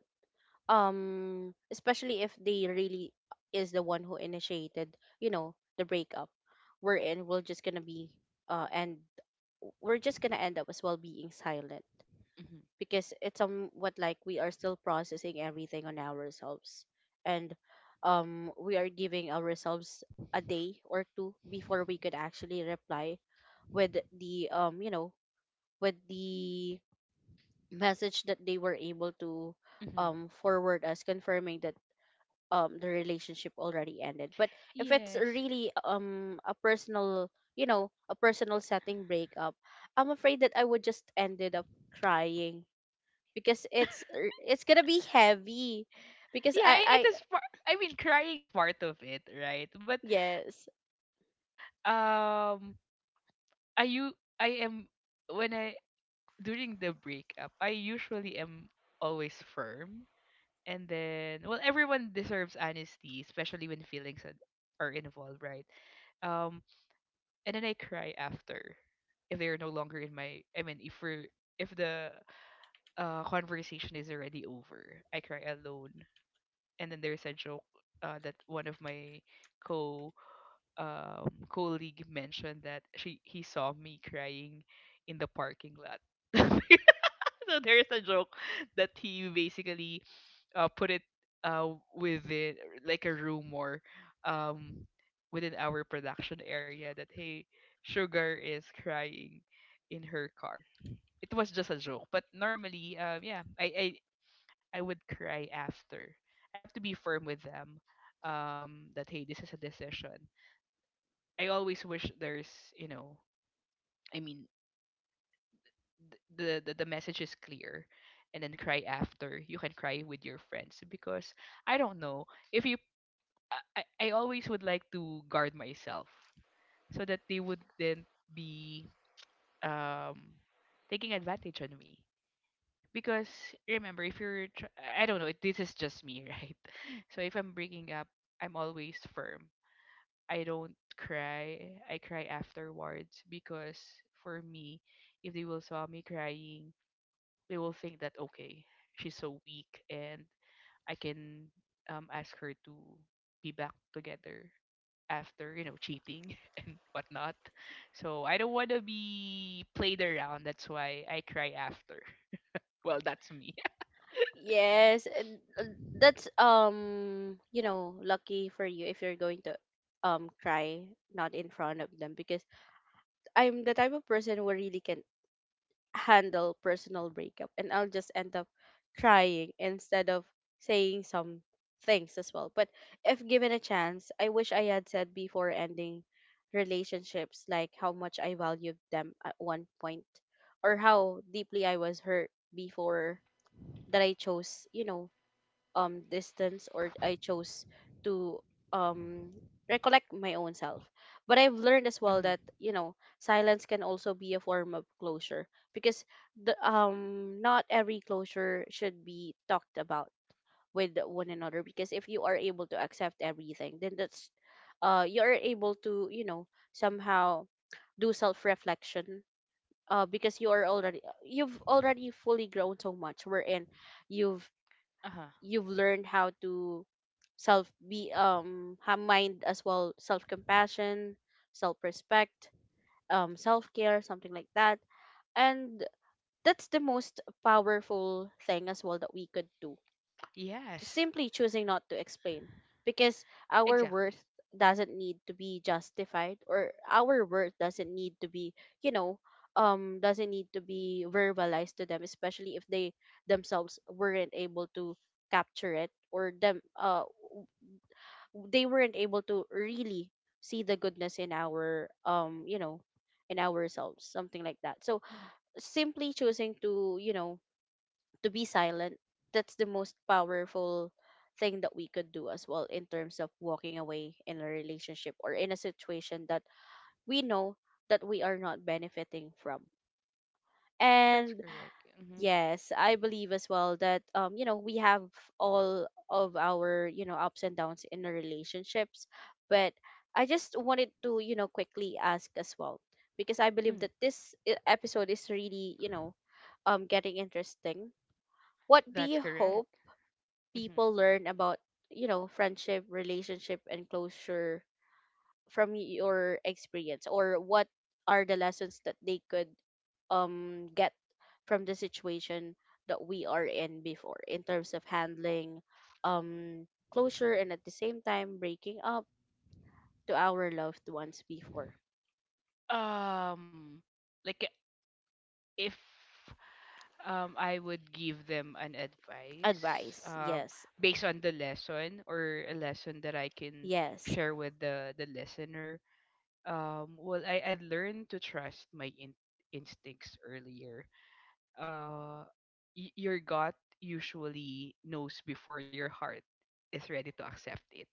S1: especially if they really is the one who initiated, you know, the breakup, wherein we're just gonna be and we're just gonna end up as well being silent,
S2: Hmm.
S1: because it's somewhat like we are still processing everything on ourselves. And we are giving ourselves a day or two before we could actually reply with the with the message that they were able to
S2: Hmm.
S1: forward us, confirming that the relationship already ended. But if it's
S2: Yes.
S1: really a personal, you know, a personal setting breakup, I'm afraid that I would just ended up crying, because it's it's gonna be heavy, because
S2: Yeah,
S1: i
S2: it
S1: i
S2: is part. I mean, crying is part of it, right? But
S1: yes.
S2: um, I you I am when I during the breakup, I usually am always firm, and then, well, everyone deserves honesty, especially when feelings are involved, right? Um, and then I cry after if they are no longer in my, I mean if we're, if the conversation is already over, I cry alone. And then there's a joke that one of my co colleague mentioned that she he saw me crying in the parking lot. So there's a joke that he basically put it uh, within like a rumor, um, within our production area that hey, Sugar is crying in her car. It was just a joke, but normally, yeah, I would cry after. I have to be firm with them, that hey, this is a decision. I always wish there's, you know, I mean, the message is clear. And then cry after. You can cry with your friends, because I don't know if you, I always would like to guard myself so that they wouldn't be um taking advantage on me, because remember, if you're I don't know, this is just me, right? So if I'm breaking up, I'm always firm. I don't cry, I cry afterwards, because for me, if they will saw me crying, they will think that okay, she's so weak and I can ask her to be back together after cheating and whatnot. So I don't want to be played around. That's why I cry after. Well, that's me.
S1: Yes, and, that's you know, lucky for you if you're going to cry not in front of them, because I'm the type of person who really can handle personal breakup, and I'll just end up crying instead of saying some things as well. But if given a chance, I wish I had said before ending relationships, like how much I valued them at one point, or how deeply I was hurt before, that I chose, you know, distance, or I chose to um recollect my own self. But I've learned as well
S2: Mm-hmm.
S1: that, you know, silence can also be a form of closure, because the not every closure should be talked about with one another. Because if you are able to accept everything, then that's you're able to, you know, somehow do self reflection, because you are already you've already fully grown so much, wherein you've
S2: Uh-huh.
S1: you've learned how to self be have mind as well, self compassion, self respect, self care, something like that. And that's the most powerful thing as well that we could do, just
S2: Yes,
S1: simply choosing not to explain, because our worth
S2: exactly.
S1: doesn't need to be justified, or our worth doesn't need to be, you know, doesn't need to be verbalized to them, especially if they themselves weren't able to capture it, or they weren't able to really see the goodness in our in ourselves, something like that. So simply choosing to, you know, to be silent, that's the most powerful thing that we could do as well, in terms of walking away in a relationship, or in a situation that we know that we are not benefiting from.
S2: That's
S1: And
S2: correct. Mm-hmm.
S1: yes, I believe as well that we have all of our, you know, ups and downs in our relationships. But I just wanted to, you know, quickly ask as well, because I believe
S2: Mm,
S1: that this episode is really, you know, getting interesting. What do
S2: that's
S1: you
S2: correct.
S1: hope
S2: Mm-hmm.
S1: people learn about, you know, friendship, relationship and closure, from your experience, or what are the lessons that they could get from the situation that we are in before, in terms of handling closure, and at the same time breaking up to our loved ones before?
S2: Um, like if I would give them an advice
S1: Advice,
S2: um,
S1: yes.
S2: based on the lesson or a lesson that I can
S1: Yes.
S2: share with the listener. Well, I learned to trust my instincts earlier. Uh, your gut usually knows before your heart is ready to accept it,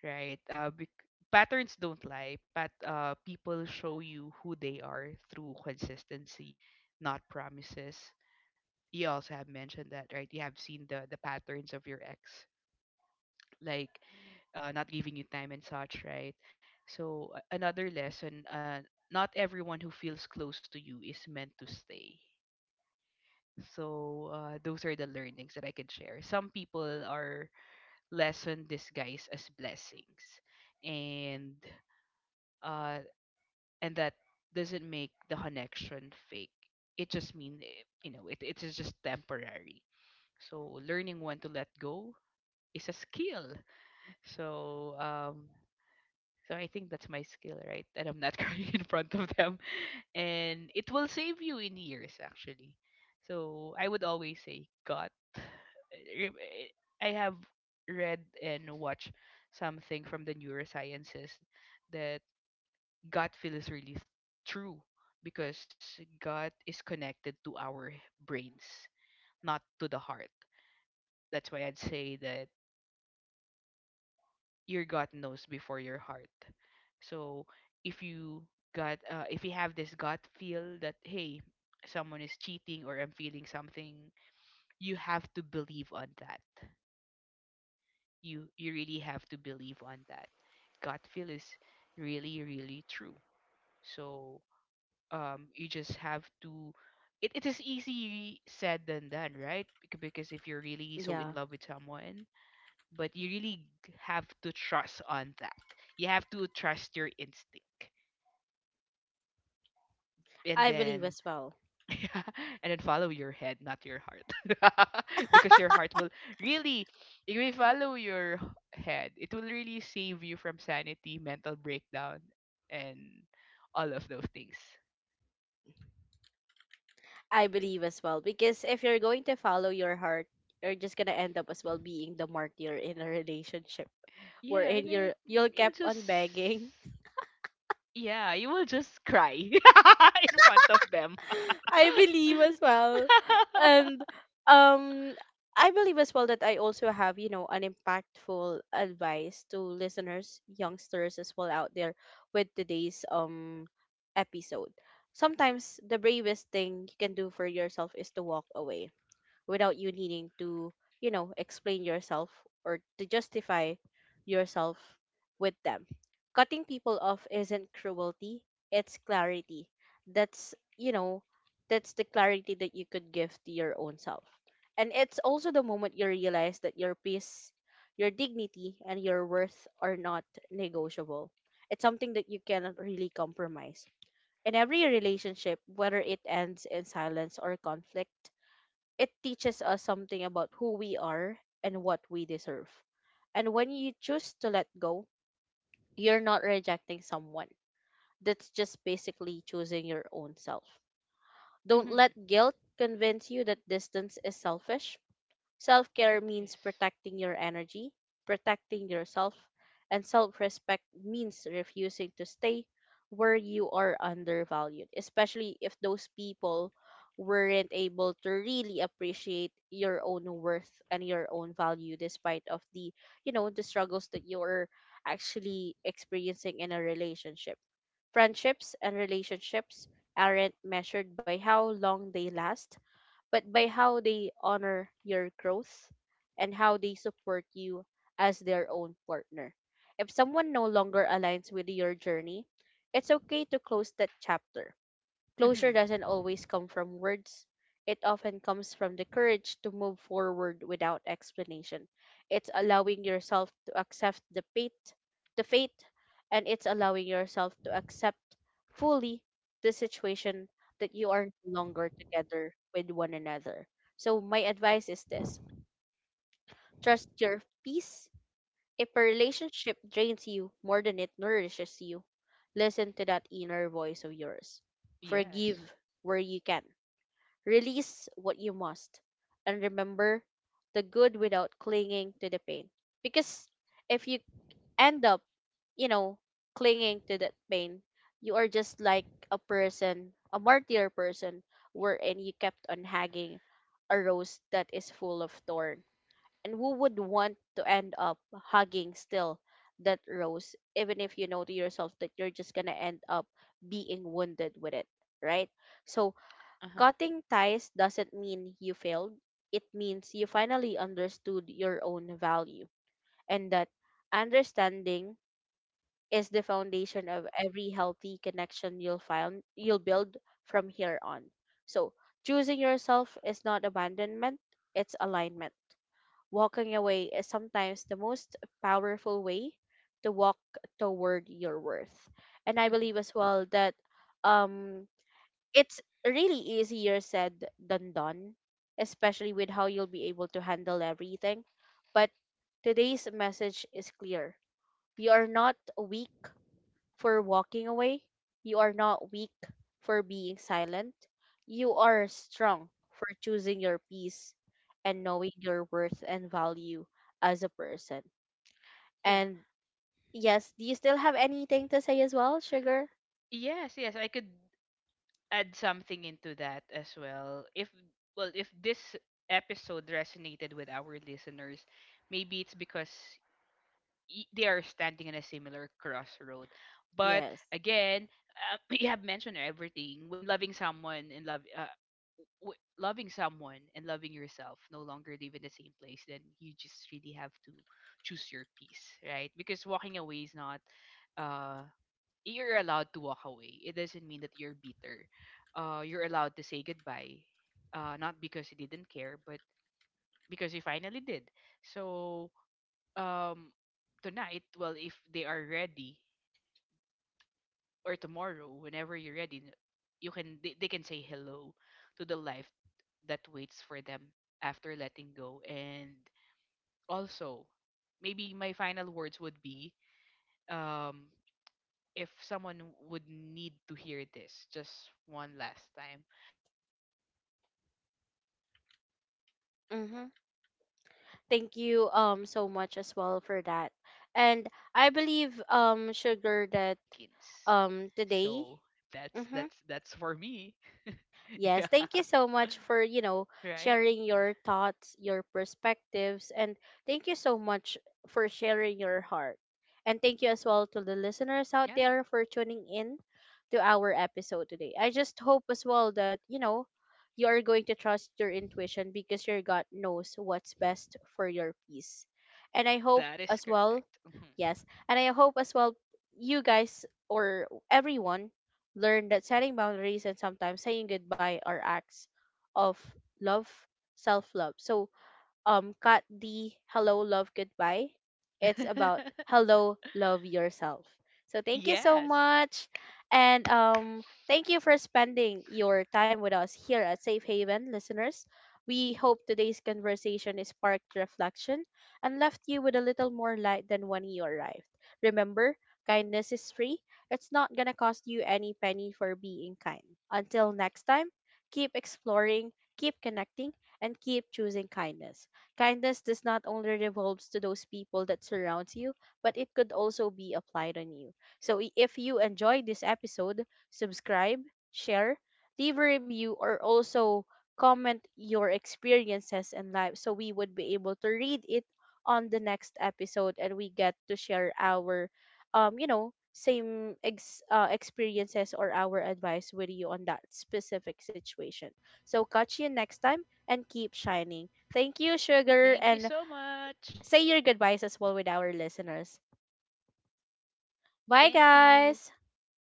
S2: right? Patterns don't lie, but people show you who they are through consistency, not promises. You also have mentioned that, right? You have seen the patterns of your ex, like not giving you time and such, right? So another lesson: not everyone who feels close to you is meant to stay. So those are the learnings that I can share. Some people are lesson disguised as blessings, and uh, and that doesn't make the connection fake. It just mean you know it is just temporary. So learning when to let go is a skill. So I think that's my skill, right? That I'm not crying in front of them. And it will save you in years actually. So I would always say God. Re- I have read and watched something from the neurosciences that gut feel is really true because gut is connected to our brains, not to the heart. That's why I'd say that your gut knows before your heart. So if you if you have this gut feel that hey, someone is cheating or I'm feeling something, you have to believe on that. You really have to believe on that. Gut feel is really really true. So you just have to, it is easy said than done, right? Because if you're really so in
S1: Yeah,
S2: love with someone, but you really have to trust on that. You have to trust your instinct, and
S1: I believe
S2: then
S1: as well.
S2: yeah, and then follow your head, not your heart, because your heart will really, if you follow your head, it will really save you from sanity, mental breakdown, and all of those things.
S1: I believe as well, because if you're going to follow your heart, you're just gonna end up as well being the martyr in a relationship,
S2: Yeah,
S1: wherein
S2: and then
S1: you're you'll
S2: you'll
S1: kept
S2: just
S1: on begging.
S2: yeah, you will just cry in front of them.
S1: I believe as well, and um, I believe as well that I also have, you know, an impactful advice to listeners, youngsters as well out there, with today's episode. Sometimes the bravest thing you can do for yourself is to walk away without you needing to, you know, explain yourself or to justify yourself with them. Cutting people off isn't cruelty, it's clarity. That's, you know, that's the clarity that you could give to your own self. And it's also the moment you realize that your peace, your dignity and your worth are not negotiable. It's something that you cannot really compromise. In every relationship, whether it ends in silence or conflict, it teaches us something about who we are and what we deserve. And when you choose to let go, you're not rejecting someone. That's just basically choosing your own self. Don't
S2: Mhm.
S1: let guilt convince you that distance is selfish. Self care
S2: It
S1: means
S2: is.
S1: protecting your energy, protecting yourself, and self respect means refusing to stay where you are undervalued, especially if those people weren't able to really appreciate your own worth and your own value, despite of the, you know, the struggles that you're actually experiencing in a relationship. Friendships and relationships aren't measured by how long they last, but by how they honor your growth and how they support you as their own partner. If someone no longer aligns with your journey, it's okay to close that chapter. Closure
S2: Mm-hmm.
S1: doesn't always come from words. It often comes from the courage to move forward without explanation. It's allowing yourself to accept the fate, and it's allowing yourself to accept fully the situation that you are no longer together with one another. So my advice is this. Trust your peace. If a relationship drains you more than it nourishes you, listen to that inner voice of yours.
S2: Yes.
S1: Forgive where you can. Release what you must, and remember the good without clinging to the pain. Because if you end up, you know, clinging to that pain, you are just like a person, a martyr person, wherein you kept on hugging a rose that is full of thorn. And who would want to end up hugging still that rose, even if you know to yourself that you're just gonna end up being wounded with it, right? So
S2: Uh-huh.
S1: cutting ties doesn't mean you failed. It means you finally understood your own value, and that understanding is the foundation of every healthy connection you'll build from here on. So, choosing yourself is not abandonment, it's alignment. Walking away is sometimes the most powerful way to walk toward your worth. And I believe as
S2: Mm-hmm.
S1: well that um it's really easier said than done, especially with how you'll be able to handle everything. But today's message is clear. You are not weak for walking away. You are not weak for being silent. You are strong for choosing your peace and knowing your worth and value as a person.
S2: Yeah.
S1: And yes, do you still have anything to say as well, Sugar?
S2: Yes, yes, I could add something into that as well. If this episode resonated with our listeners, maybe it's because they are standing in a similar crossroad. But
S1: Yes.
S2: again, you have mentioned everything. When loving someone and loving yourself no longer live in the same place, then you just really have to choose your peace, right? Because walking away is not, uh, you're allowed to walk away. It doesn't mean that you're bitter. You're allowed to say goodbye, not because you didn't care, but because you finally did. So um tonight, well, if they are ready, or tomorrow, whenever you're ready, you can they can say hello to the life that waits for them after letting go. And also, maybe my final words would be, um if someone would need to hear this just one last time, um love doesn't end when you leave.
S1: Mm-hmm.
S2: Sometimes
S1: Thank you so much
S2: that's
S1: as
S2: when
S1: well
S2: it
S1: for that.
S2: finally
S1: And
S2: begins.
S1: I believe
S2: So
S1: Sugar that
S2: that's for me.
S1: today. Mhm.
S2: Yeah,
S1: Yes, thank you
S2: right?
S1: so much for, you know, sharing your thoughts, your perspectives, and thank you so much for sharing your heart. And thank you as well to the
S2: Yeah,
S1: listeners out there for tuning in to our episode today. I just hope as well that, you know, you are going to trust your intuition, because your gut knows what's best for your peace. And I
S2: that is
S1: hope as well,
S2: correct.
S1: yes, and I hope as well you guys or everyone learned that setting boundaries and sometimes saying goodbye are acts of love, self love. So, cut the hello love goodbye. It's
S2: Mhm.
S1: about hello love yourself. So thank you so
S2: Yes.
S1: much, and thank you for spending your time with us here at Safe Haven listeners. We hope today's conversation is sparked reflection and left you with a little more light than when you arrived. Remember, kindness is free. It's not going to cost you any penny for being kind. Until next time, keep exploring, keep connecting, and keep choosing kindness. Kindness does not only revolves to those people that surrounds you, but it could also be applied on you. So if you enjoyed this episode, subscribe, share, leave a review, or also comment your experiences in life so we would be able to read it on the next episode, and we get to share our same experiences or our advice with you on that specific situation. So catch you next time and keep shining. Thank you, Sugar,
S2: Thank you
S1: and
S2: so much.
S1: say your goodbyes as well with our listeners.
S2: Thank you.
S1: Bye, guys.
S2: Bye.